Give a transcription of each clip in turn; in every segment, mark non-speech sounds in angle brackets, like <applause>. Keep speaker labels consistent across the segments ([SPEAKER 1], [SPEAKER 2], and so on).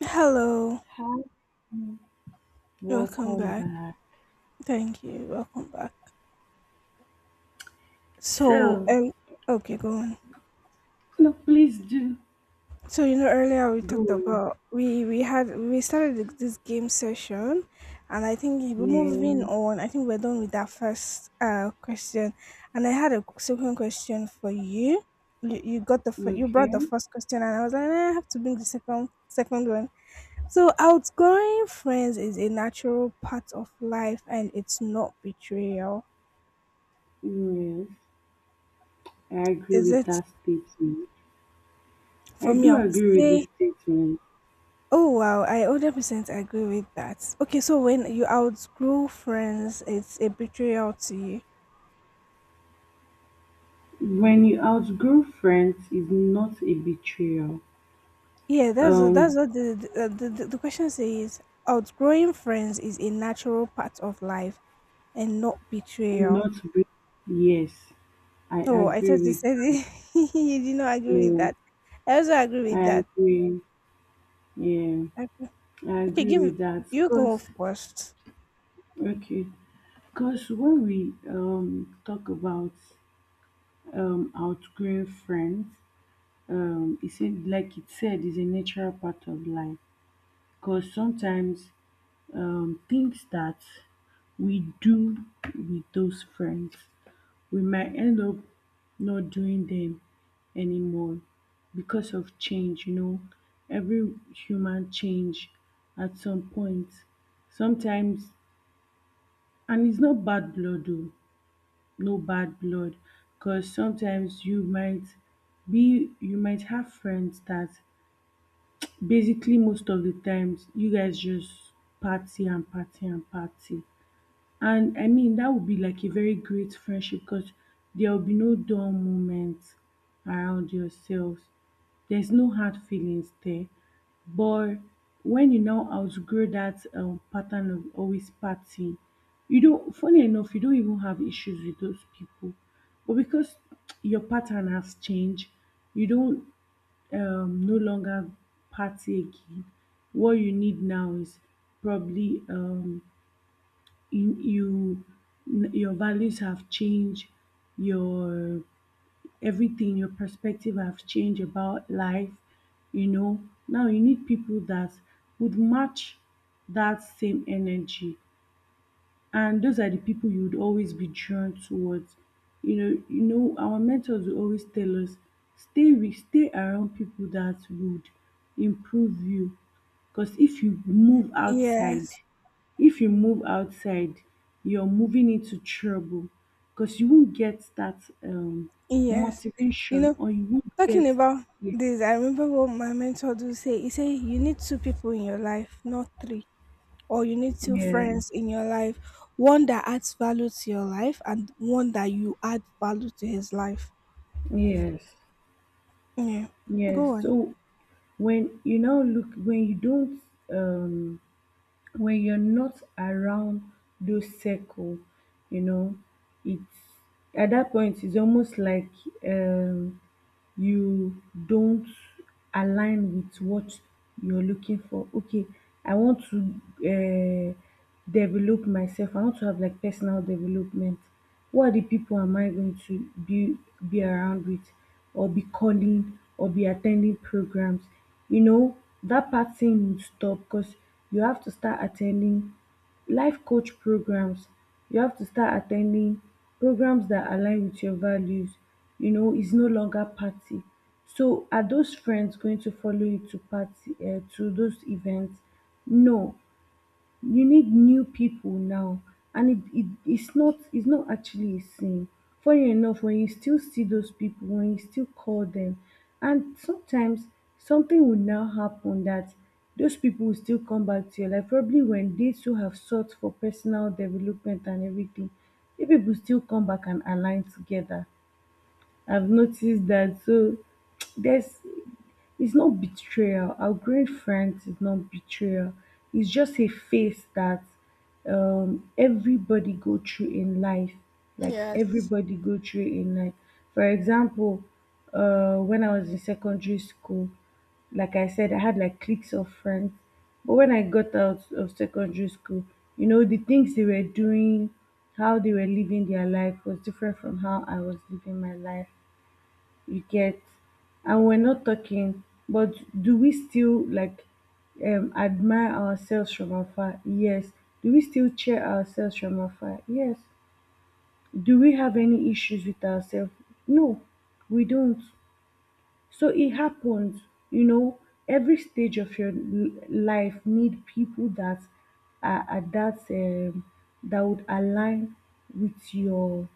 [SPEAKER 1] Hello,
[SPEAKER 2] Hi,
[SPEAKER 1] welcome
[SPEAKER 2] welcome
[SPEAKER 1] back.
[SPEAKER 2] back.
[SPEAKER 1] Thank you, welcome back. So,
[SPEAKER 2] So,
[SPEAKER 1] um, okay, go on.
[SPEAKER 2] no, please do
[SPEAKER 1] So earlier we
[SPEAKER 2] go
[SPEAKER 1] talked
[SPEAKER 2] on.
[SPEAKER 1] about we had we started th- this game session, and I think we're moving
[SPEAKER 2] Yeah,
[SPEAKER 1] on. I think we're done with that first question, and I had a second question for you. You brought
[SPEAKER 2] okay.
[SPEAKER 1] the first question, and I was like, "Eh, I have to bring the second one. So outgoing friends is a natural part of life, and it's not betrayal.
[SPEAKER 2] Yes, I agree
[SPEAKER 1] Is
[SPEAKER 2] with
[SPEAKER 1] it?
[SPEAKER 2] that statement.
[SPEAKER 1] For
[SPEAKER 2] I
[SPEAKER 1] me,
[SPEAKER 2] do
[SPEAKER 1] I would
[SPEAKER 2] agree with
[SPEAKER 1] say,
[SPEAKER 2] this statement.
[SPEAKER 1] oh wow, I 100% agree with that. Okay, so when you outgrow friends, it's a betrayal to you.
[SPEAKER 2] When you outgrow friends is not a betrayal.
[SPEAKER 1] Yeah, that's
[SPEAKER 2] Um,
[SPEAKER 1] what the question says. Outgrowing friends is a natural part of life and not betrayal.
[SPEAKER 2] not be- yes, I
[SPEAKER 1] Oh, I
[SPEAKER 2] agree
[SPEAKER 1] thought you
[SPEAKER 2] with
[SPEAKER 1] said
[SPEAKER 2] that.
[SPEAKER 1] it. <laughs> you did not agree with
[SPEAKER 2] No,
[SPEAKER 1] that. I also agree
[SPEAKER 2] I
[SPEAKER 1] with that.
[SPEAKER 2] agree. Yeah, I
[SPEAKER 1] Okay,
[SPEAKER 2] agree
[SPEAKER 1] give
[SPEAKER 2] with that.
[SPEAKER 1] you go first.
[SPEAKER 2] Okay, cause when we talk about outgrowing friends, it said, is a natural part of life. Because sometimes things that we do with those friends, we might end up not doing them anymore because of change. You know, every human change at some point. Sometimes, and it's not bad blood, though, no bad blood, because sometimes you might have friends that basically most of the times you guys just party and party and party, and I mean that would be like a very great friendship because there will be no dull moments around yourselves. There's no hard feelings there. But when you now outgrow that pattern of always partying, you don't, funny enough, you don't even have issues with those people. But because your pattern has changed, you don't no longer party again. What you need now is probably you your values have changed, your your perspective have changed about life. You know, now you need people that would match that same energy, and those are the people you would always be drawn towards. You know, our mentors will always tell us stay around people that would improve you. Because if you move outside,
[SPEAKER 1] Yes,
[SPEAKER 2] if you move outside, you're moving into trouble. Because you won't get that
[SPEAKER 1] yes. You
[SPEAKER 2] motivation,
[SPEAKER 1] know,
[SPEAKER 2] or you won't
[SPEAKER 1] talking
[SPEAKER 2] get.
[SPEAKER 1] about
[SPEAKER 2] Yeah,
[SPEAKER 1] this, I remember what my mentor do say. He say you need two people in your life, not three. Or you need two
[SPEAKER 2] yeah,
[SPEAKER 1] friends in your life. One that adds value to your life and one that you add value to his life.
[SPEAKER 2] yes.
[SPEAKER 1] Yeah.
[SPEAKER 2] Yes.
[SPEAKER 1] Go on.
[SPEAKER 2] So when you now look when you don't um when you're not around those circle, you know, it's, at that point, it's almost like um you don't align with what you're looking for. Okay, I want to develop myself. I want to have like personal development. Who are the people am I going to be around with, or be calling, or be attending programs? You know, that part thing would stop because you have to start attending life coach programs. You have to start attending programs that align with your values. You know, it's no longer party. So are those friends going to follow you to party, to those events? No. You need new people now, and it's not actually a sin. Funny enough, when you still see those people, when you still call them, and sometimes something will now happen, that those people will still come back to your life, probably when they too have sought for personal development and everything. If people still come back and align together, I've noticed that. So <tsk> there's it's not betrayal. Outgrowing friends is not betrayal. It's just a phase that everybody go through in life. Like
[SPEAKER 1] Yes.
[SPEAKER 2] everybody go through in life. For example, when I was in secondary school, like I said, I had like cliques of friends. But when I got out of secondary school, you know, the things they were doing, how they were living their life was different from how I was living my life, you get? And we're not talking. But do we still, like, admire ourselves from afar? Yes. Do we still cheer ourselves from afar? Yes. Do we have any issues with ourselves? No, we don't. So it happens. You know, every stage of your life need people that are at that would align with your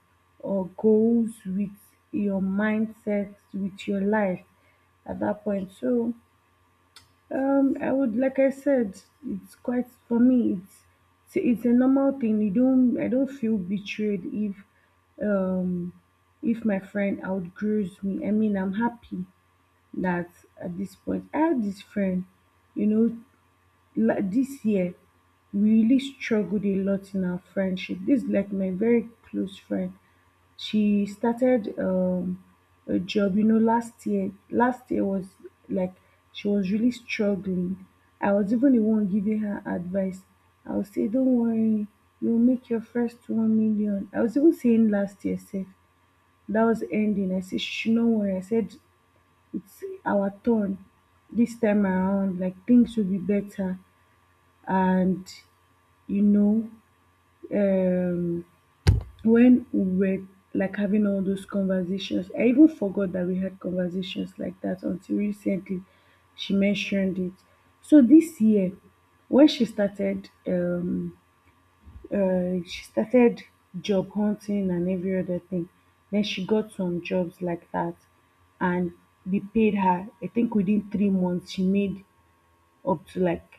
[SPEAKER 2] goals, with your mindset, with your life at that point. So I would, like I said, it's quite for me, it's a normal thing. You don't i don't feel betrayed if um if my friend outgrows me. I mean, I'm happy that at this point I had this friend. You know, this year we really struggled a lot in our friendship. This is like my very close friend. She started a job, you know, last year. Last year was, like, she was really struggling. I was even the one giving her advice. I would say, "Don't worry, you'll make your first 1 million." I was even saying last year, safe that was ending. I said, she should not worry. I said, it's our turn, this time around, like, things will be better. And, you know, um when we were like having all those conversations, I even forgot that we had conversations like that until recently she mentioned it. So this year, when she started job hunting and every other thing, then she got some jobs like that, and they paid her, I think within 3 months she made up to like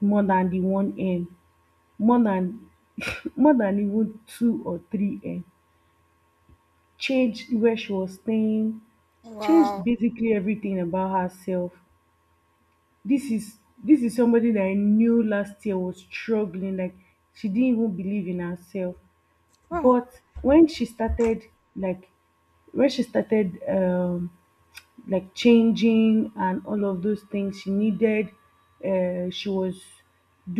[SPEAKER 2] more than more than <laughs> more than even two or three m, changed where she was staying, changed
[SPEAKER 1] Wow.
[SPEAKER 2] basically everything about herself. This is, somebody that I knew last year was struggling, like she didn't even believe in herself.
[SPEAKER 1] Wow.
[SPEAKER 2] But when she started, like when she started like changing, and all of those things she needed, she was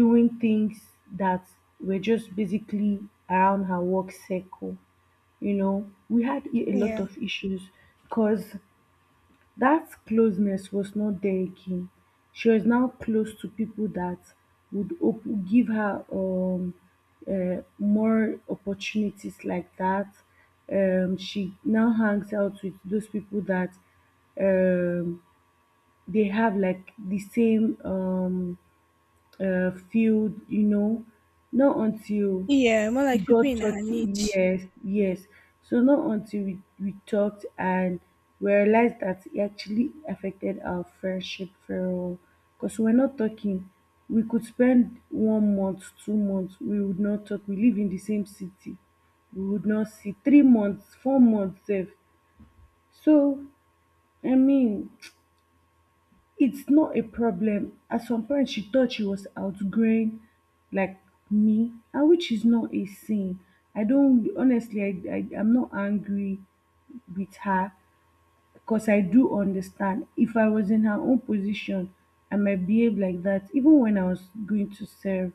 [SPEAKER 2] doing things that were just basically around her work circle. You know, we had a lot
[SPEAKER 1] Yeah.
[SPEAKER 2] of issues because that closeness was not there again. She was now close to people that would give her more opportunities like that. She now hangs out with those people that um, they have, like, the same, field, you know, not until
[SPEAKER 1] Yeah, more
[SPEAKER 2] we
[SPEAKER 1] like people
[SPEAKER 2] got
[SPEAKER 1] in her
[SPEAKER 2] talking.
[SPEAKER 1] niche.
[SPEAKER 2] Yes, yes. So not until we talked and we realized that it actually affected our friendship very well. Because we're not talking. We could spend 1 month, 2 months, we would not talk. We live in the same city. We would not see 3 months, 4 months sef. So, I mean, it's not a problem. At some point she thought she was outgrowing, like, me, and which is not a sin. I don't honestly I I'm not angry with her. 'Cause I do understand. If I was in her own position, I might behave like that. Even when I was going to serve,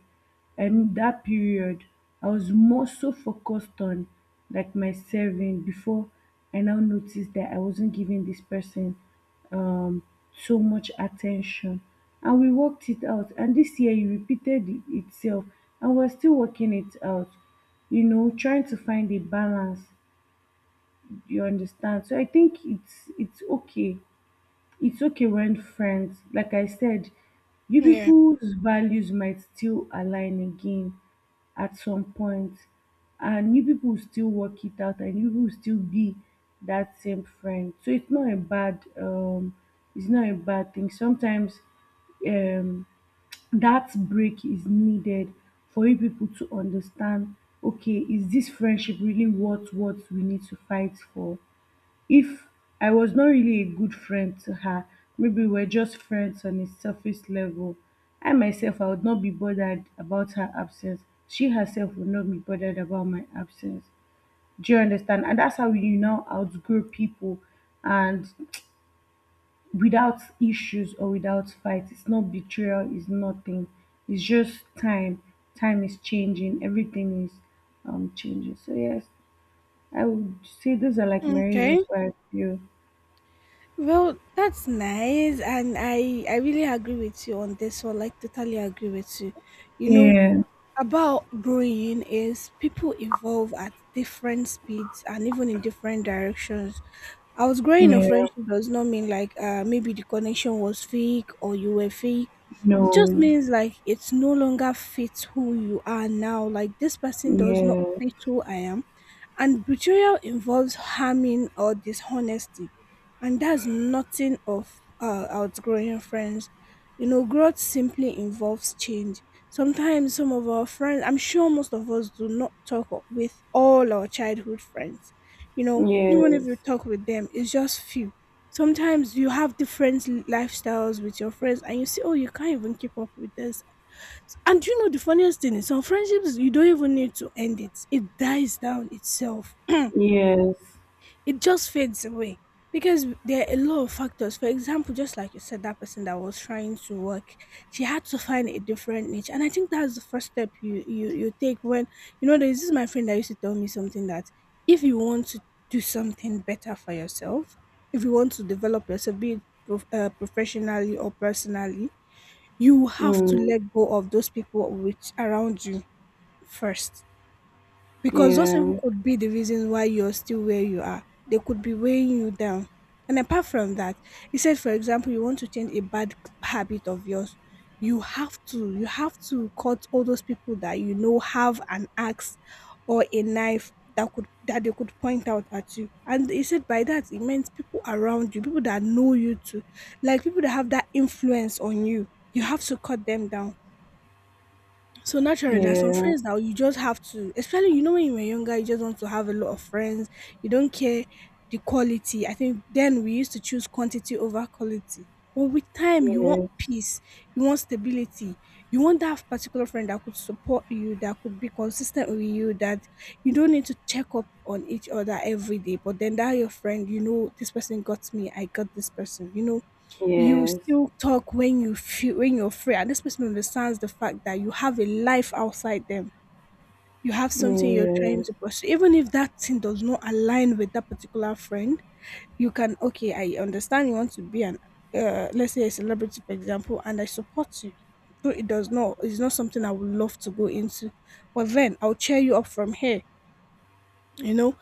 [SPEAKER 2] and that period, I was more so focused on, like, my serving, before I now noticed that I wasn't giving this person um so much attention. And we worked it out. And this year it repeated itself. And we're still working it out, you know, trying to find a balance. You understand? So I think it's okay when friends, like I said, you
[SPEAKER 1] Yeah.
[SPEAKER 2] people's values might still align again at some point, and you people will still work it out, and you people will still be that same friend. So it's not a bad, it's not a bad thing. Sometimes, um, that break is needed for you people to understand. Okay, is this friendship really worth what we need to fight for? If I was not really a good friend to her, maybe we're just friends on a surface level. I myself, I would not be bothered about her absence. She herself would not be bothered about my absence. Do you understand? And that's how you now outgrow people, and without issues or without fights, it's not betrayal, it's nothing. It's just time. Time is changing, everything is changing. So yes, I would say those are like my
[SPEAKER 1] Okay.
[SPEAKER 2] reasons why I feel.
[SPEAKER 1] Well, that's nice and I really agree with you on this one. Like totally agree with you. You know,
[SPEAKER 2] Yeah.
[SPEAKER 1] about growing is people evolve at different speeds and even in different directions. I was growing a
[SPEAKER 2] Yeah.
[SPEAKER 1] friendship does not mean like maybe the connection was fake or you were fake. It just
[SPEAKER 2] No.
[SPEAKER 1] means like it's no longer fits who you are now. Like this person does not
[SPEAKER 2] Yeah.
[SPEAKER 1] fit who I am, and betrayal involves harming or dishonesty, and that's nothing of outgrowing friends. You know, growth simply involves change. Sometimes some of our friends, I'm sure most of us do not talk with all our childhood friends. You know, even if you
[SPEAKER 2] Yes.
[SPEAKER 1] talk with them, it's just few. Sometimes you have different lifestyles with your friends, and you see, oh, you can't even keep up with this, and you know the funniest thing is some friendships you don't even need to end it. It dies down itself. <clears throat> it
[SPEAKER 2] Yes.
[SPEAKER 1] just fades away because there are a lot of factors. For example, just like you said, that person that was trying to work, she had to find a different niche, and I think that's the first step you take when you know there's this is my friend that used to tell me something that if you want to do something better for yourself, if you want to develop yourself, be it professionally or personally, you have to
[SPEAKER 2] Mm.
[SPEAKER 1] let go of those people which around you first, because those people
[SPEAKER 2] Yeah.
[SPEAKER 1] could be the reason why you're still where you are. They could be weighing you down, and apart from that, you said for example you want to change a bad habit of yours. You have to cut all those people that you know have an axe or a knife that they could point out at you, and he said by that it means people around you, people that know you too, like people that have that influence on you, you have to cut them down. So naturally, there are some
[SPEAKER 2] Yeah.
[SPEAKER 1] friends that you just have to, especially you know when you were younger, you just want to have a lot of friends. You don't care the quality. I think then we used to choose quantity over quality. But with time, you want
[SPEAKER 2] Yes.
[SPEAKER 1] peace, you want stability, you want that particular friend that could support you, that could be consistent with you, that you don't need to check up on each other every day. But then that your friend, you know, this person got me, I got this person. You know, you
[SPEAKER 2] Yes.
[SPEAKER 1] still talk when you feel when you're free, and this person understands the fact that you have a life outside them. You have something you're trying
[SPEAKER 2] Yes.
[SPEAKER 1] to pursue, even if that thing does not align with that particular friend. You can okay, I understand you want to be an let's say a celebrity, for example, and I support you. Though it does not, it's not something I would love to go into, but then I'll cheer you up from here. You know,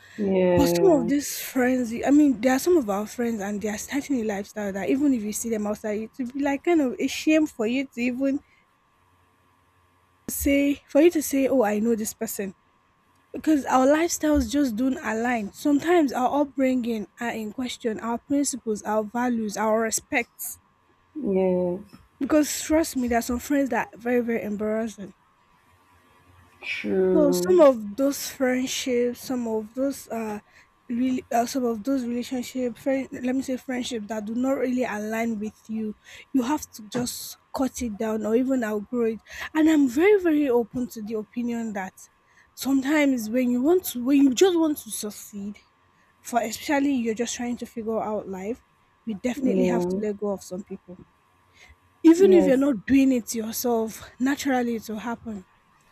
[SPEAKER 1] but some of
[SPEAKER 2] Yeah.
[SPEAKER 1] these friends, I mean, there are some of our friends and they are starting a lifestyle that even if you see them outside, it would be like kind of a shame for you to even say, for you to say, oh, I know this person. Because our lifestyles just don't align. Sometimes our upbringing are in question, our principles, our values, our respects.
[SPEAKER 2] Yes.
[SPEAKER 1] Because trust me, there are some friends that are very, very embarrassing. So some
[SPEAKER 2] True.
[SPEAKER 1] of those friendships, some of those really some of those relationships friend, let me say friendships that do not really align with you, you have to just cut it down or even outgrow it, and I'm very, very open to the opinion that sometimes when you just want to succeed for especially you're just trying to figure out life, you definitely have to
[SPEAKER 2] Yeah.
[SPEAKER 1] let go of some people, even if you're
[SPEAKER 2] Yes.
[SPEAKER 1] not doing it yourself, naturally it will happen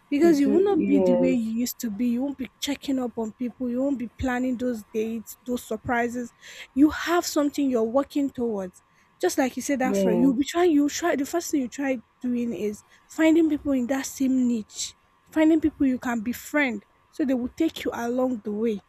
[SPEAKER 1] because you
[SPEAKER 2] Do,
[SPEAKER 1] will not be the way
[SPEAKER 2] yes.
[SPEAKER 1] you used to be. You won't be checking up on people. You won't be planning those dates, those surprises. You have something you're working towards. Just like you said, that friend, you'll
[SPEAKER 2] Yes.
[SPEAKER 1] be trying, you try, the first thing you try doing is finding people in that same niche, finding people you can befriend so they will take you along the way,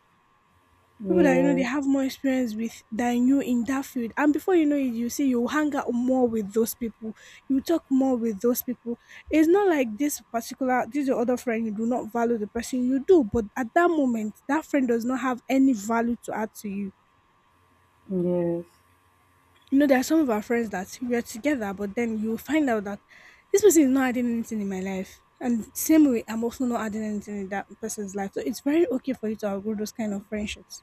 [SPEAKER 2] Yes.
[SPEAKER 1] people that you know they
[SPEAKER 2] Yes.
[SPEAKER 1] have more experience with than you in that field, and before you know it, you see you hang out more with those people, you talk more with those people. It's not like this your other friend you do not value the person, you do, but at that moment that friend does not have any value to add to you.
[SPEAKER 2] Yes.
[SPEAKER 1] You know, there are some of our friends that we are together, but then you find out that this person is not adding anything in my life, and same way I'm also not adding anything in that person's life, so it's very okay for you to outgrow those kind of friendships.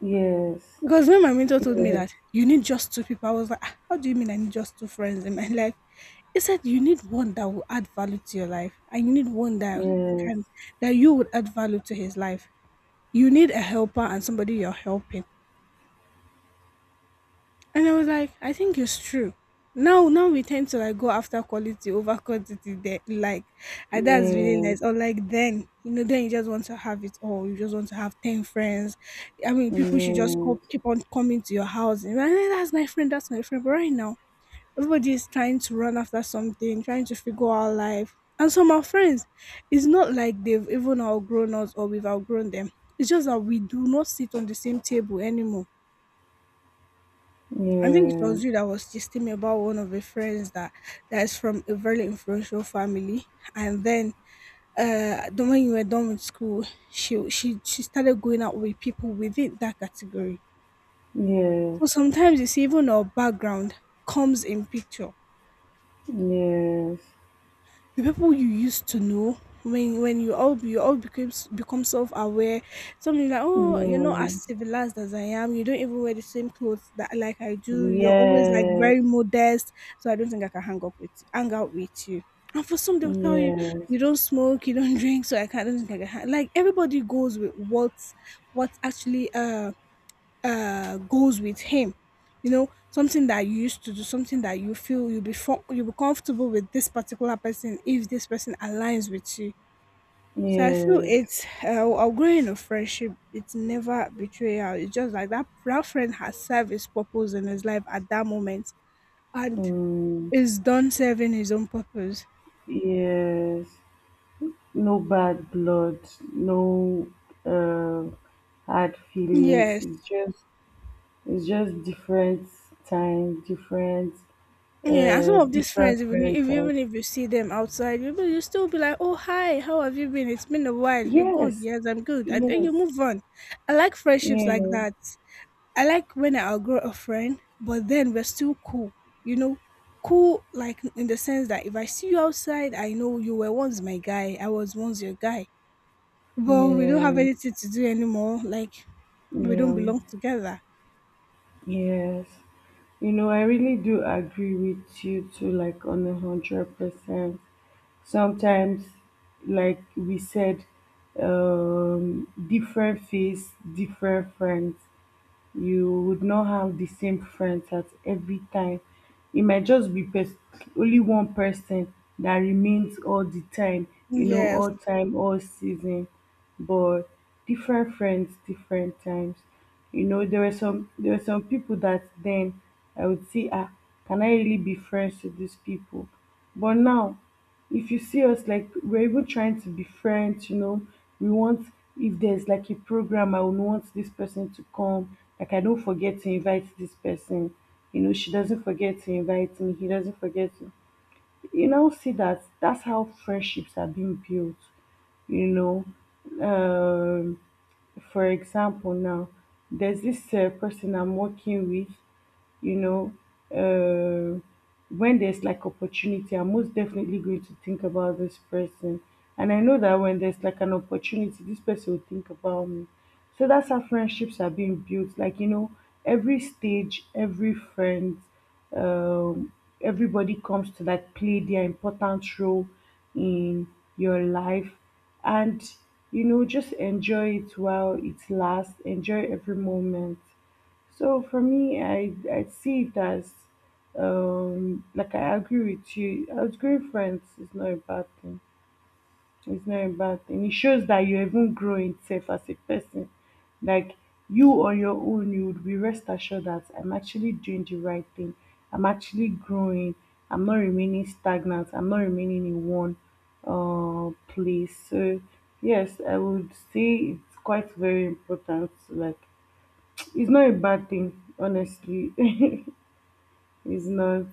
[SPEAKER 2] Yes.
[SPEAKER 1] Because when my mentor told me
[SPEAKER 2] Yes.
[SPEAKER 1] that you need just two people, I was like, "Ah, how do you mean I need just two friends in my <laughs> life? He said you need one that will add value to your life, and you need one that can that you would add value to his life. You need a helper and somebody you're helping. And I was like, I think it's true. Now, now we tend to like go after quality over quantity. There, like, and that's really
[SPEAKER 2] Yes.
[SPEAKER 1] nice. Or like then, you know, then you just want to have it all. You just want to have 10 friends. I mean, people should just
[SPEAKER 2] Yes.
[SPEAKER 1] keep on coming to your house. And you're like, "Eh, that's my friend. That's my friend. But right now, everybody is trying to run after something, trying to figure out life. And some of our friends, it's not like they've even outgrown us or we've outgrown them. It's just that we do not sit on the same table anymore. I think it was you that was texting me about one of your friends that that is from a very influential family, and then the when you were done with school, she started going out with people within that category.
[SPEAKER 2] Yeah.
[SPEAKER 1] So
[SPEAKER 2] Yes.
[SPEAKER 1] sometimes you see even our background comes in picture.
[SPEAKER 2] Yes.
[SPEAKER 1] The people you used to know when you all became become self-aware, something like oh you're not
[SPEAKER 2] No,
[SPEAKER 1] as civilized as I am, you don't even wear the same clothes that like I
[SPEAKER 2] no,
[SPEAKER 1] do,
[SPEAKER 2] no.
[SPEAKER 1] you're always like
[SPEAKER 2] Yes.
[SPEAKER 1] very modest, so I don't think I can hang out with you. And for some they'll tell you,
[SPEAKER 2] Yes. Mm.
[SPEAKER 1] you don't smoke, you don't <laughs> drink, so I can't, I don't think I can hang. Like everybody goes with what's actually goes with him. You know, something that you used to do, something that you feel you'll be comfortable with this particular person if this person aligns with you. So I feel
[SPEAKER 2] Yes.
[SPEAKER 1] it's our growing of friendship, it's never betrayal, it's just like that that friend has served his purpose in his life at that moment and
[SPEAKER 2] Mm.
[SPEAKER 1] is done serving his own purpose.
[SPEAKER 2] Yes. No bad blood. No, uh, hard feelings.
[SPEAKER 1] Yes.
[SPEAKER 2] It's just different time, different,
[SPEAKER 1] Yeah, and some of these
[SPEAKER 2] different
[SPEAKER 1] friends, even if
[SPEAKER 2] friend type.
[SPEAKER 1] even if you see them outside, you still be like, "Oh, hi, how have you been? It's been a while. You're good,
[SPEAKER 2] Yes.
[SPEAKER 1] yes, I'm good." And then you
[SPEAKER 2] Yes.
[SPEAKER 1] move on. I like friendships like
[SPEAKER 2] Yeah.
[SPEAKER 1] that. I like when I outgrow a friend, but then we're still cool. You know, cool like in the sense that if I see you outside, I know you were once my guy. I was once your guy, but we don't have
[SPEAKER 2] Yeah.
[SPEAKER 1] anything to do anymore. Like
[SPEAKER 2] Yeah.
[SPEAKER 1] we don't
[SPEAKER 2] Yeah,
[SPEAKER 1] belong together.
[SPEAKER 2] yes. You know, I really do agree with you too, like on 100%. Sometimes, like we said, different face, different friends. You would not have the same friends at every time. It might just be only one person that remains all the time, you know,
[SPEAKER 1] Yes.
[SPEAKER 2] all time, all season. But different friends, different times. You know, there were some people that then I would say, ah, can I really be friends with these people? But now, if you see us, like, we're even trying to be friends, you know, we want if there's like a program, I would want this person to come. Like, I don't forget to invite this person. You know, she doesn't forget to invite me. He doesn't forget to. You now see that that's how friendships are being built. You know, um, for example, now there's this person I'm working with, you know, uh, when there's like opportunity, I'm most definitely going to think about this person. And I know that when there's like an opportunity, this person will think about me. So that's how friendships are being built. Like, every stage, every friend, um, everybody comes to like play their important role in your life. And, just enjoy it while it lasts, enjoy every moment. So for me, I see it as like I agree with you. Outgrowing friends is not a bad thing. It's not a bad thing. It shows that you're even growing self as a person. Like you on your own, you would be rest assured that I'm actually doing the right thing. I'm actually growing. I'm not remaining stagnant. I'm not remaining in one place. So yes, I would say it's quite very important. Like it's not a bad thing, honestly. <laughs> It's not.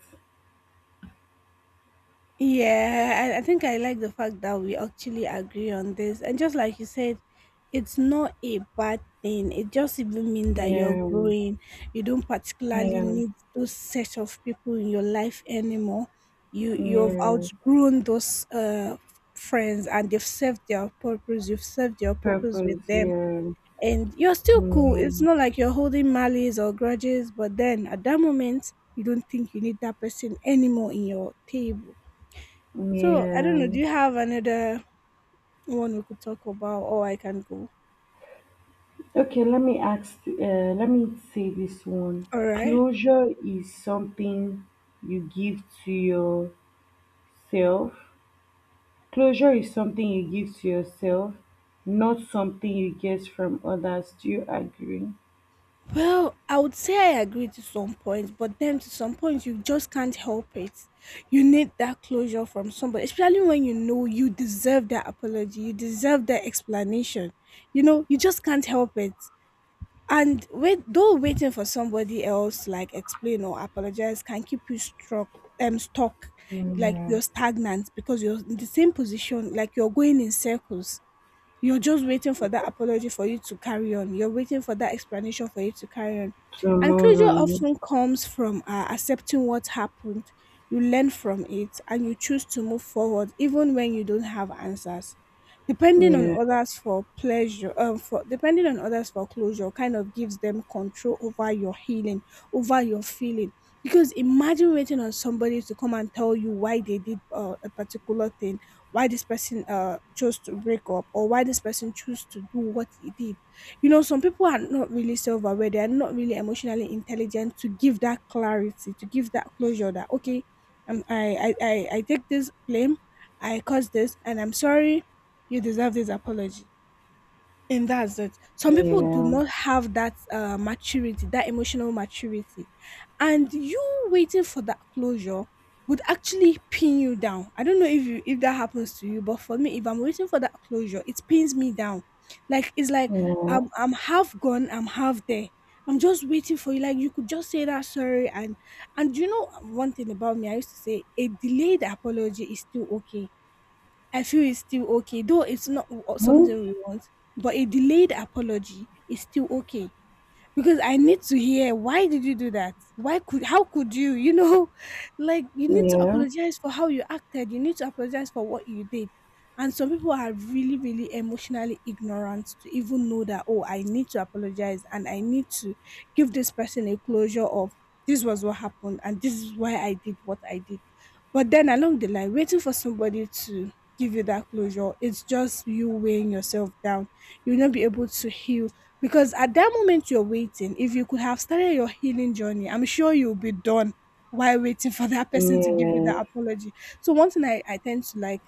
[SPEAKER 1] Yeah, I think I like the fact that we actually agree on this. And just like you said, it's not a bad thing. It just even means that you're
[SPEAKER 2] Yeah,
[SPEAKER 1] growing. You don't particularly
[SPEAKER 2] yeah,
[SPEAKER 1] need those set of people in your life anymore. You've
[SPEAKER 2] yeah.
[SPEAKER 1] outgrown those friends and they've served their purpose. You've served your purpose with
[SPEAKER 2] Purpose,
[SPEAKER 1] them.
[SPEAKER 2] yeah,
[SPEAKER 1] And you're still cool.
[SPEAKER 2] yeah,
[SPEAKER 1] It's not like you're holding malice or grudges, but then at that moment you don't think you need that person anymore in your table. So I don't know. Do
[SPEAKER 2] yeah.
[SPEAKER 1] you have another one we could talk about, or I can go?
[SPEAKER 2] Okay, let me say this one.
[SPEAKER 1] All right.
[SPEAKER 2] Closure is something you give to yourself. Closure is something you give to yourself, not something you get from others. Do you agree?
[SPEAKER 1] Well, I would say I agree to some points, but then to some points you just can't help it. You need that closure from somebody, especially when you know you deserve that apology, you deserve that explanation. You know, you just can't help it. And wait, though waiting for somebody else like explain or apologize can keep you stuck, like
[SPEAKER 2] Yeah.
[SPEAKER 1] you're stagnant because you're in the same position, like you're going in circles. You're just waiting for that
[SPEAKER 2] Yeah.
[SPEAKER 1] apology for you to carry on. You're waiting for that explanation for you to carry on.
[SPEAKER 2] To
[SPEAKER 1] And
[SPEAKER 2] move
[SPEAKER 1] closure
[SPEAKER 2] on.
[SPEAKER 1] often comes from accepting what happened. You learn from it and you choose to move forward even when you don't have answers.
[SPEAKER 2] Yeah.
[SPEAKER 1] Depending on others for closure kind of gives them control over your healing, over your feeling. Because imagine waiting on somebody to come and tell you why they did a particular thing, why this person chose to break up, or why this person chose to do what he did. You know, some people are not really self-aware, they are not really emotionally intelligent to give that clarity, to give that closure that, okay, I take this blame, I caused this and I'm sorry, you deserve this apology, and that's it. Some people do
[SPEAKER 2] Yeah.
[SPEAKER 1] not have that maturity, that emotional maturity. And you waiting for that closure would actually pin you down. I don't know if you, if that happens to you, but for me, if I'm waiting for that closure, it pins me down. Like it's like
[SPEAKER 2] Yeah.
[SPEAKER 1] I'm half gone, I'm half there. I'm just waiting for you. Like you could just say that sorry, and you know, one thing about me, I used to say a delayed apology is still okay. I feel it's still okay, though it's not
[SPEAKER 2] Hmm?
[SPEAKER 1] something we want, but a delayed apology is still okay because I need to hear, why did you do that? Why could, how could you? You know, <laughs> like you need to
[SPEAKER 2] Yeah.
[SPEAKER 1] apologize for how you acted. You need to apologize for what you did. And some people are really, really emotionally ignorant to even know that, oh, I need to apologize and I need to give this person a closure of, this was what happened and this is why I did what I did. But then along the line, waiting for somebody to give you that closure, it's just you weighing yourself down. You'll not be able to heal because at that moment you're waiting. If you could have started your healing journey, I'm sure you'll be done while waiting for that person to give you
[SPEAKER 2] Yeah.
[SPEAKER 1] that apology. So one thing I tend to like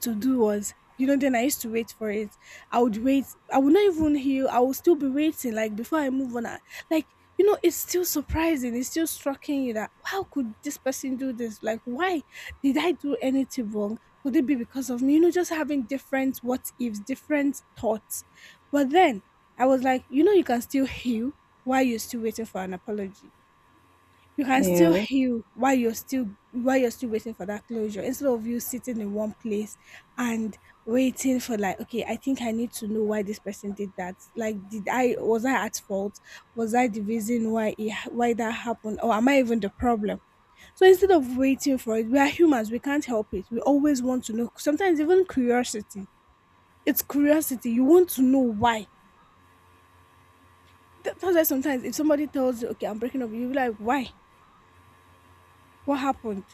[SPEAKER 1] to do was, you know, then I used to wait for it. I would wait, I would not even heal, I would still be waiting, like before I move on like, you know, it's still surprising, it's still striking you that, how could this person do this? Like, why? Did I do anything wrong? Could it be because of me? You know, just having different what ifs different thoughts. But then I was like, you know, you can still heal while you still waiting for an apology, you can still
[SPEAKER 2] Yeah.
[SPEAKER 1] heal while you're still waiting for that closure instead of you sitting in one place and waiting for, like, okay, I think I need to know why this person did that. Like, did I was I at fault, was I the reason why that happened, or am I even the problem? So instead of waiting for it, we are humans, we can't help it, we always want to know. Sometimes even curiosity, it's curiosity, you want to know why. That- that's why sometimes if somebody tells you, okay, I'm breaking up, you'll be like, why? What happened?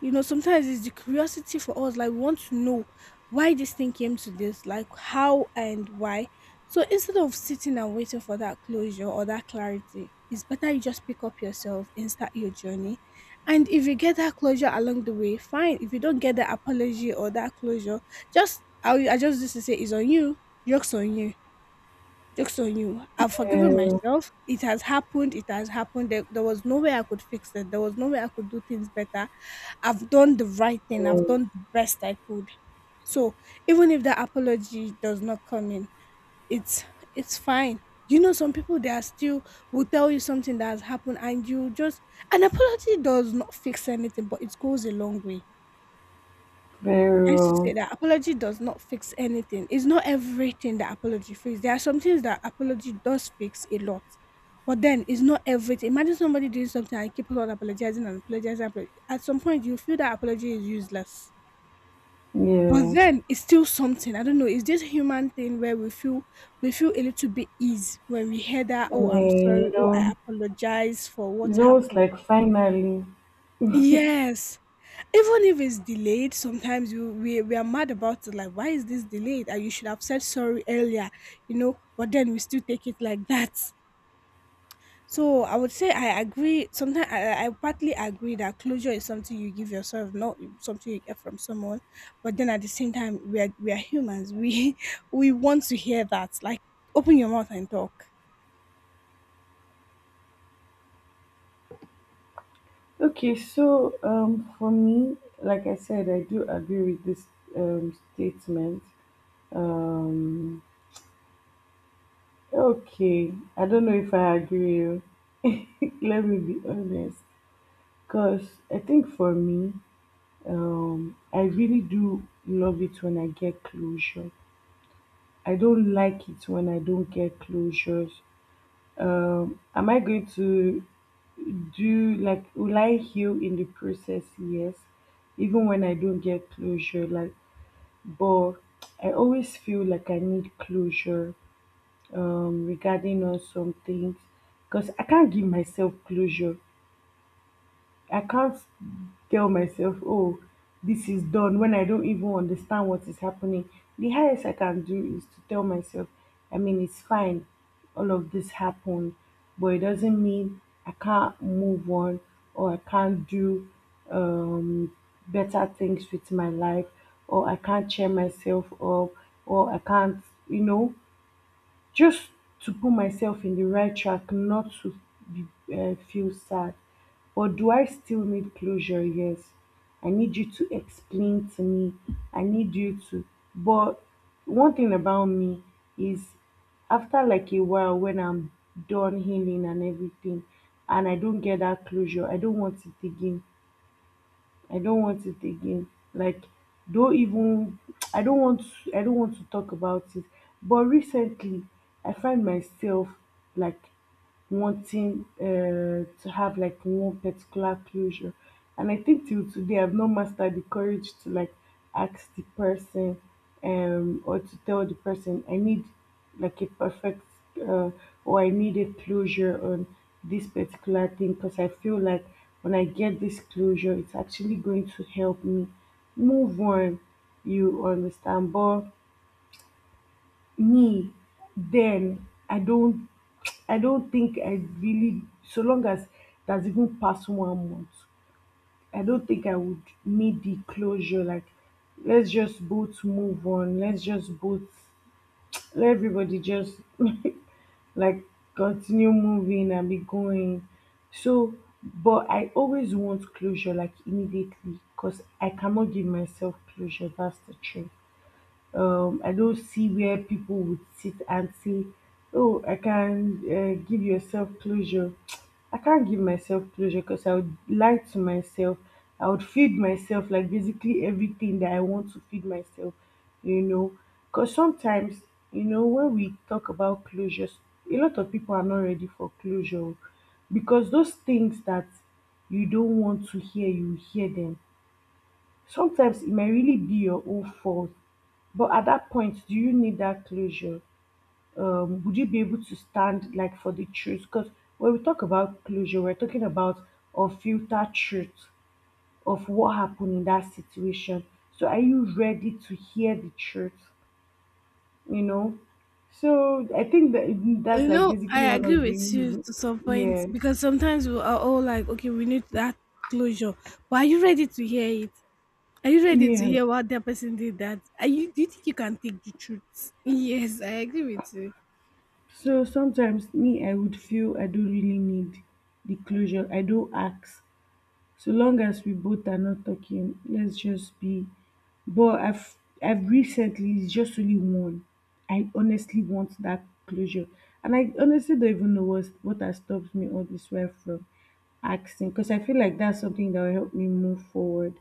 [SPEAKER 1] You know, sometimes it's the curiosity for us, like we want to know why this thing came to this, like, how and why. So instead of sitting and waiting for that closure or that clarity, it's better you just pick up yourself and start your journey. And if you get that closure along the way, fine. If you don't get the apology or that closure, just I just used to say, it's on you, jokes on you, jokes on you, I've forgiven myself. It has happened, it has happened, there was no way I could fix it, there was no way I could do things better. I've done the right thing.
[SPEAKER 2] Yeah.
[SPEAKER 1] I've done the best I could. So even if the apology does not come in, it's it's fine. You know, some people they are still, will tell you something that has happened, and you just, an apology does not fix anything, but it goes a long way.
[SPEAKER 2] Very
[SPEAKER 1] I used to say
[SPEAKER 2] well.
[SPEAKER 1] that apology does not fix anything. It's not everything that apology fixes. There are some things that apology does fix a lot, but then it's not everything. Imagine somebody doing something and keep on apologizing and apologizing. At some point, you feel that apology is useless. But
[SPEAKER 2] Yeah.
[SPEAKER 1] then it's still something, I don't know, it's this human thing where we feel, we feel a little bit ease when we hear that,
[SPEAKER 2] Yeah.
[SPEAKER 1] oh, I'm
[SPEAKER 2] You
[SPEAKER 1] sorry, oh, I
[SPEAKER 2] know,
[SPEAKER 1] apologize for what
[SPEAKER 2] it's almost
[SPEAKER 1] happened.
[SPEAKER 2] like finally.
[SPEAKER 1] Yes, even if it's delayed, sometimes we are mad about it, like, why is this delayed, and you should have said sorry earlier. You know, but then we still take it like that. So I would say I agree. Sometimes I partly agree that closure is something you give yourself, not something you get from someone. But then at the same time, we are humans. We <laughs> we want to hear that. Like, open your mouth and talk.
[SPEAKER 2] Okay, so for me, like I said, I do agree with this statement. Um okay. I don't know if I agree with you. <laughs> Let me be honest. Because I think for me, I really do love it when I get closure. I don't like it when I don't get closures. Am I going to do will I heal in the process? Yes, even when I don't get closure, like, but I always feel like I need closure regarding on some things because I can't give myself closure. I can't tell myself, oh, this is done when I don't even understand what is happening. The highest I can do is to tell myself, I mean, it's fine, all of this happened, but it doesn't mean I can't move on or I can't do um, better things with my life or I can't cheer myself up or I can't, just to put myself in the right track not to be feel sad. But do I still need closure? Yes, I need you to explain to me, I need you to, but one thing about me is after like a while when I'm done healing and everything and I don't get that closure, I don't want it again. I don't want it again. Like, don't even <tsk> I don't want I don't want to talk about it. But recently I find myself like wanting to have like one particular closure. And I think till today I've not mastered the courage to like ask the person or to tell the person I need like a perfect uh, or I need a closure on this particular thing because I feel like when I get this closure it's actually going to help me move on. You understand, but me then I don't <tsk> I don't think I really, so long as that's even past 1 month, I don't think I would need the closure. Like let's just both move on, let everybody just <laughs> like continue moving and be going. So but I always want closure like immediately because I cannot give myself closure. That's the truth. I don't see where people would sit and say, "Oh, I can give yourself closure." <tsk> I can't give myself closure because I would lie to myself. I would feed myself like basically everything that I want to feed myself, you know. Because sometimes, you know, when we talk about closures, a lot of people are not ready for closure because those things that you don't want to hear, you hear them. Sometimes it may really be your own fault, but at that point, do you need that closure? Would you be able to stand like for the truth? Because when we talk about closure, we're talking about unfiltered truth of what happened in that situation. So are you ready to hear the truth? You know? So I think that
[SPEAKER 1] You
[SPEAKER 2] that's like
[SPEAKER 1] know,
[SPEAKER 2] basically
[SPEAKER 1] I
[SPEAKER 2] one
[SPEAKER 1] agree
[SPEAKER 2] of the
[SPEAKER 1] with you
[SPEAKER 2] reasons.
[SPEAKER 1] to some point
[SPEAKER 2] Yeah.
[SPEAKER 1] because sometimes we are all like, okay, we need that closure. But are you ready to hear it? Are you ready to
[SPEAKER 2] Yeah.
[SPEAKER 1] hear what that person did that? Are you Do you think you can take the truth? <laughs> Yes, I agree with you.
[SPEAKER 2] So sometimes me, I would feel I don't really need the closure. I don't ask. So long as we both are not talking, let's just be. But I've recently, it's just only one. I honestly want that closure, and I honestly don't even know what has stopped me all this way from asking, because I feel like that's something that will help me move forward.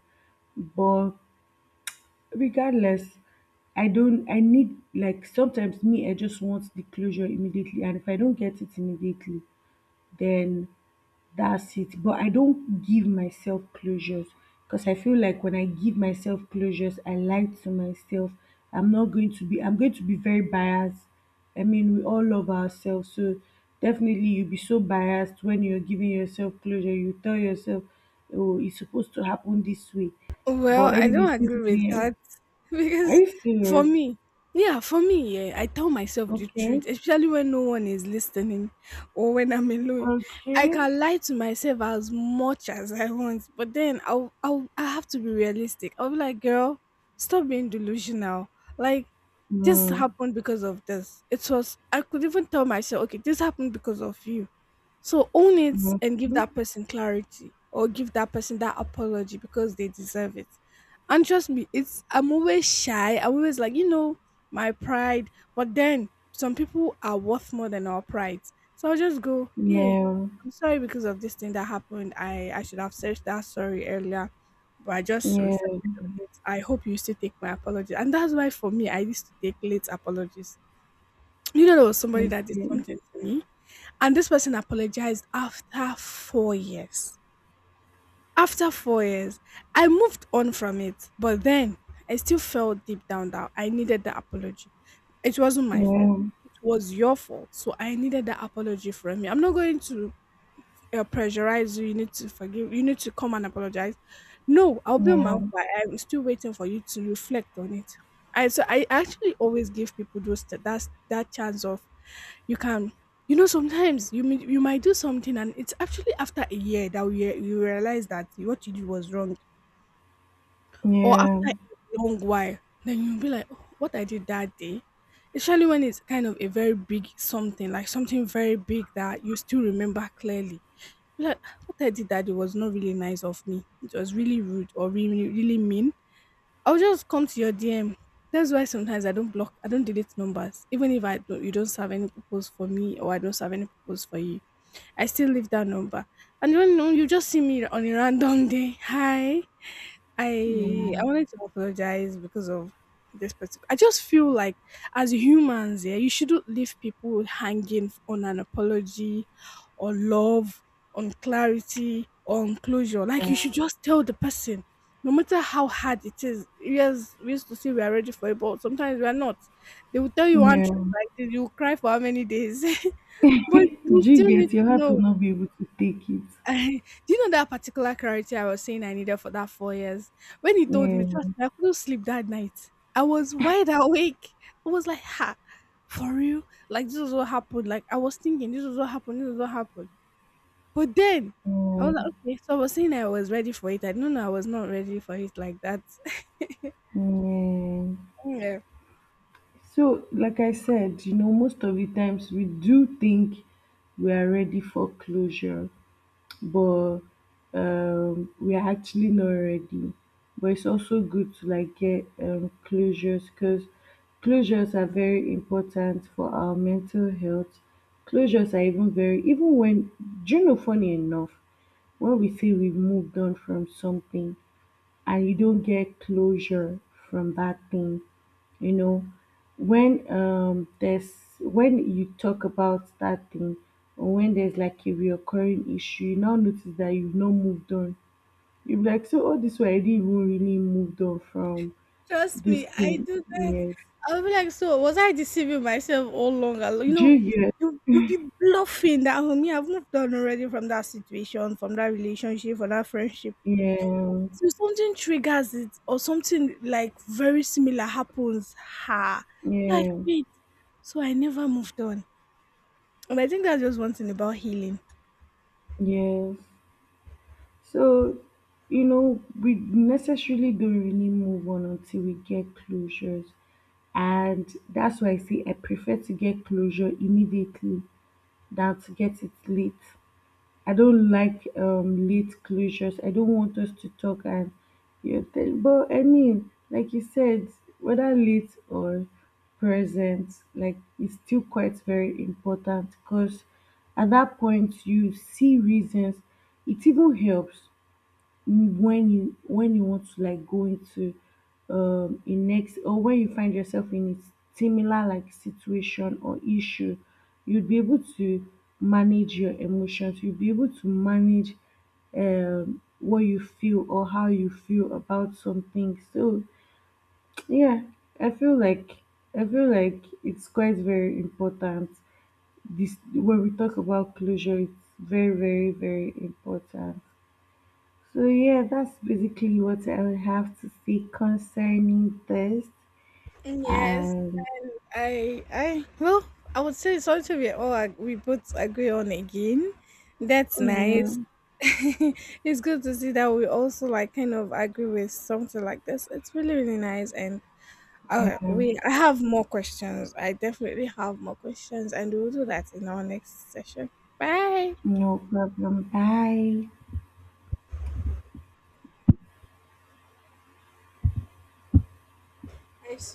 [SPEAKER 2] But regardless, I don't. I need, like sometimes me, I just want the closure immediately, and if I don't get it immediately, then that's it. But I don't give myself closures because I feel like when I give myself closures I lie to myself. I'm not going to be I'm going to be very biased. I mean, we all love ourselves, so definitely you'll be so biased when you're giving yourself closure. You tell yourself, oh, it's supposed to happen this way.
[SPEAKER 1] Well,
[SPEAKER 2] But
[SPEAKER 1] I
[SPEAKER 2] anyway,
[SPEAKER 1] don't
[SPEAKER 2] since
[SPEAKER 1] agree
[SPEAKER 2] it's
[SPEAKER 1] with
[SPEAKER 2] the end.
[SPEAKER 1] that <laughs>
[SPEAKER 2] Are
[SPEAKER 1] because
[SPEAKER 2] you
[SPEAKER 1] for
[SPEAKER 2] serious?
[SPEAKER 1] me, yeah, for me, yeah, I tell myself the
[SPEAKER 2] Okay.
[SPEAKER 1] truth, especially when no one is listening or when I'm alone. I
[SPEAKER 2] Okay.
[SPEAKER 1] can lie to myself as much as I want, but then I have to be realistic. I'll be like, girl, stop being delusional. Like, this
[SPEAKER 2] Mm,
[SPEAKER 1] happened because of this. It was, I could even tell myself, okay, this happened because of you, so own it
[SPEAKER 2] okay.
[SPEAKER 1] and give that person clarity or give that person that apology because they deserve it. And trust me, it's, I'm always shy, I'm always like, you know, my pride. But then some people are worth more than our pride. So I'll just go, hey,
[SPEAKER 2] Yeah.
[SPEAKER 1] I'm sorry because of this thing that happened. I should have said that sorry earlier, but I just
[SPEAKER 2] Yeah.
[SPEAKER 1] reflected on it. I hope you still take my apology. And that's why for me I used to take late apologies. You know, there was somebody that did
[SPEAKER 2] Okay.
[SPEAKER 1] something to me, and this person apologized after 4 years. After 4 years, I moved on from it. But then I still felt deep down that I needed the apology. It wasn't my fault,
[SPEAKER 2] Yeah.
[SPEAKER 1] it was your fault. So I needed the apology from you. I'm not going to pressurize you. You need to forgive, you need to come and apologize. No, I'll be on my
[SPEAKER 2] Yeah,
[SPEAKER 1] own, but I'm still waiting for you to reflect on it. I, so I actually always give people those, that that chance of, you can, you know, sometimes you might do something and it's actually after a year that you realize that what you did was wrong, or
[SPEAKER 2] yeah,
[SPEAKER 1] after a long while then you'll be like, oh, what I did that day, especially when it's kind of a very big something, like something very big that you still remember clearly. You're like, "Ah, what I did that day was not really nice of me, it was really rude or really really mean. I'll just come to your DM." That's why sometimes I don't block, I don't delete numbers, even if I don't, you don't serve any purpose for me or I don't serve any purpose for you. I still leave that number. And you know, you just see me on a random day, hi, I
[SPEAKER 2] yeah,
[SPEAKER 1] I wanted to apologize because of this particular. I just feel like as humans, yeah, you shouldn't leave people hanging on an apology, or love, on clarity, or on closure. Like, you should just tell the person. No matter how hard it is, yes, we used to say we are ready for it, but sometimes we are not. They will tell you one
[SPEAKER 2] yeah.
[SPEAKER 1] truth like this, you will cry for how many days? <laughs> But you
[SPEAKER 2] Do you
[SPEAKER 1] still need
[SPEAKER 2] get, your
[SPEAKER 1] to
[SPEAKER 2] heart will
[SPEAKER 1] know.
[SPEAKER 2] not be able to take it.
[SPEAKER 1] <laughs> Do you know that particular clarity I was saying I needed for that 4 years? When he told
[SPEAKER 2] Yeah,
[SPEAKER 1] me, trust me, I couldn't sleep that night. I was wide awake. I was like, ha, for real? Like, this is what happened. Like I was thinking, this is what happened, this is what happened. But then I
[SPEAKER 2] yeah,
[SPEAKER 1] was like, okay. So I was saying I was ready for it, I didn't know I was not ready for it like that. <laughs>
[SPEAKER 2] yeah.
[SPEAKER 1] Yeah.
[SPEAKER 2] So, like I said, most of the times we do think we are ready for closure, but we are actually not ready. But it's also good to like get closures because closures are very important for our mental health. Closures are even very, even when, do you know, funny enough, when we say we've moved on from something and you don't get closure from that thing, you know, when there's when you talk about that thing, or when there's like a reoccurring issue, you now notice that you've not moved on. You'll be like, so all this while I didn't even really moved on from
[SPEAKER 1] Trust
[SPEAKER 2] this
[SPEAKER 1] me, I
[SPEAKER 2] thing.
[SPEAKER 1] do that.
[SPEAKER 2] Yes.
[SPEAKER 1] I'll be like, so was I deceiving myself all along? I'll- You
[SPEAKER 2] Do
[SPEAKER 1] know,
[SPEAKER 2] you get?
[SPEAKER 1] you be bluffing that homie, I've moved on already from that situation, from that relationship, from that friendship.
[SPEAKER 2] Yeah.
[SPEAKER 1] So something triggers it, or something like very similar happens. Ha, like,
[SPEAKER 2] Yeah.
[SPEAKER 1] wait. So I never moved on, and I think that's just one thing about healing.
[SPEAKER 2] Yes. So, we necessarily don't really move on until we get closures. And that's why I say I prefer to get closure immediately than to get it late. I don't like late closures. I don't want us to talk and but I mean, like you said, whether late or present, like it's still quite very important because at that point you see reasons. It even helps when you want to like go into a next, or when you find yourself in a similar like situation or issue, you'd be able to manage your emotions, you'd be able to manage what you feel or how you feel about something. So yeah, i feel like I feel like it's quite very important. This When we talk about closure, it's very very very important. So yeah, that's basically what I would have to say concerning this.
[SPEAKER 1] Yes,
[SPEAKER 2] And
[SPEAKER 1] and well, I would say something we all we both agree on again. That's
[SPEAKER 2] yeah.
[SPEAKER 1] nice. <laughs> It's good to see that we also like kind of agree with something like this. It's really really nice, and
[SPEAKER 2] Yeah,
[SPEAKER 1] we I have more questions. I definitely have more questions, and we'll do that in our next session. Bye.
[SPEAKER 2] no problem. Bye.
[SPEAKER 1] I swear.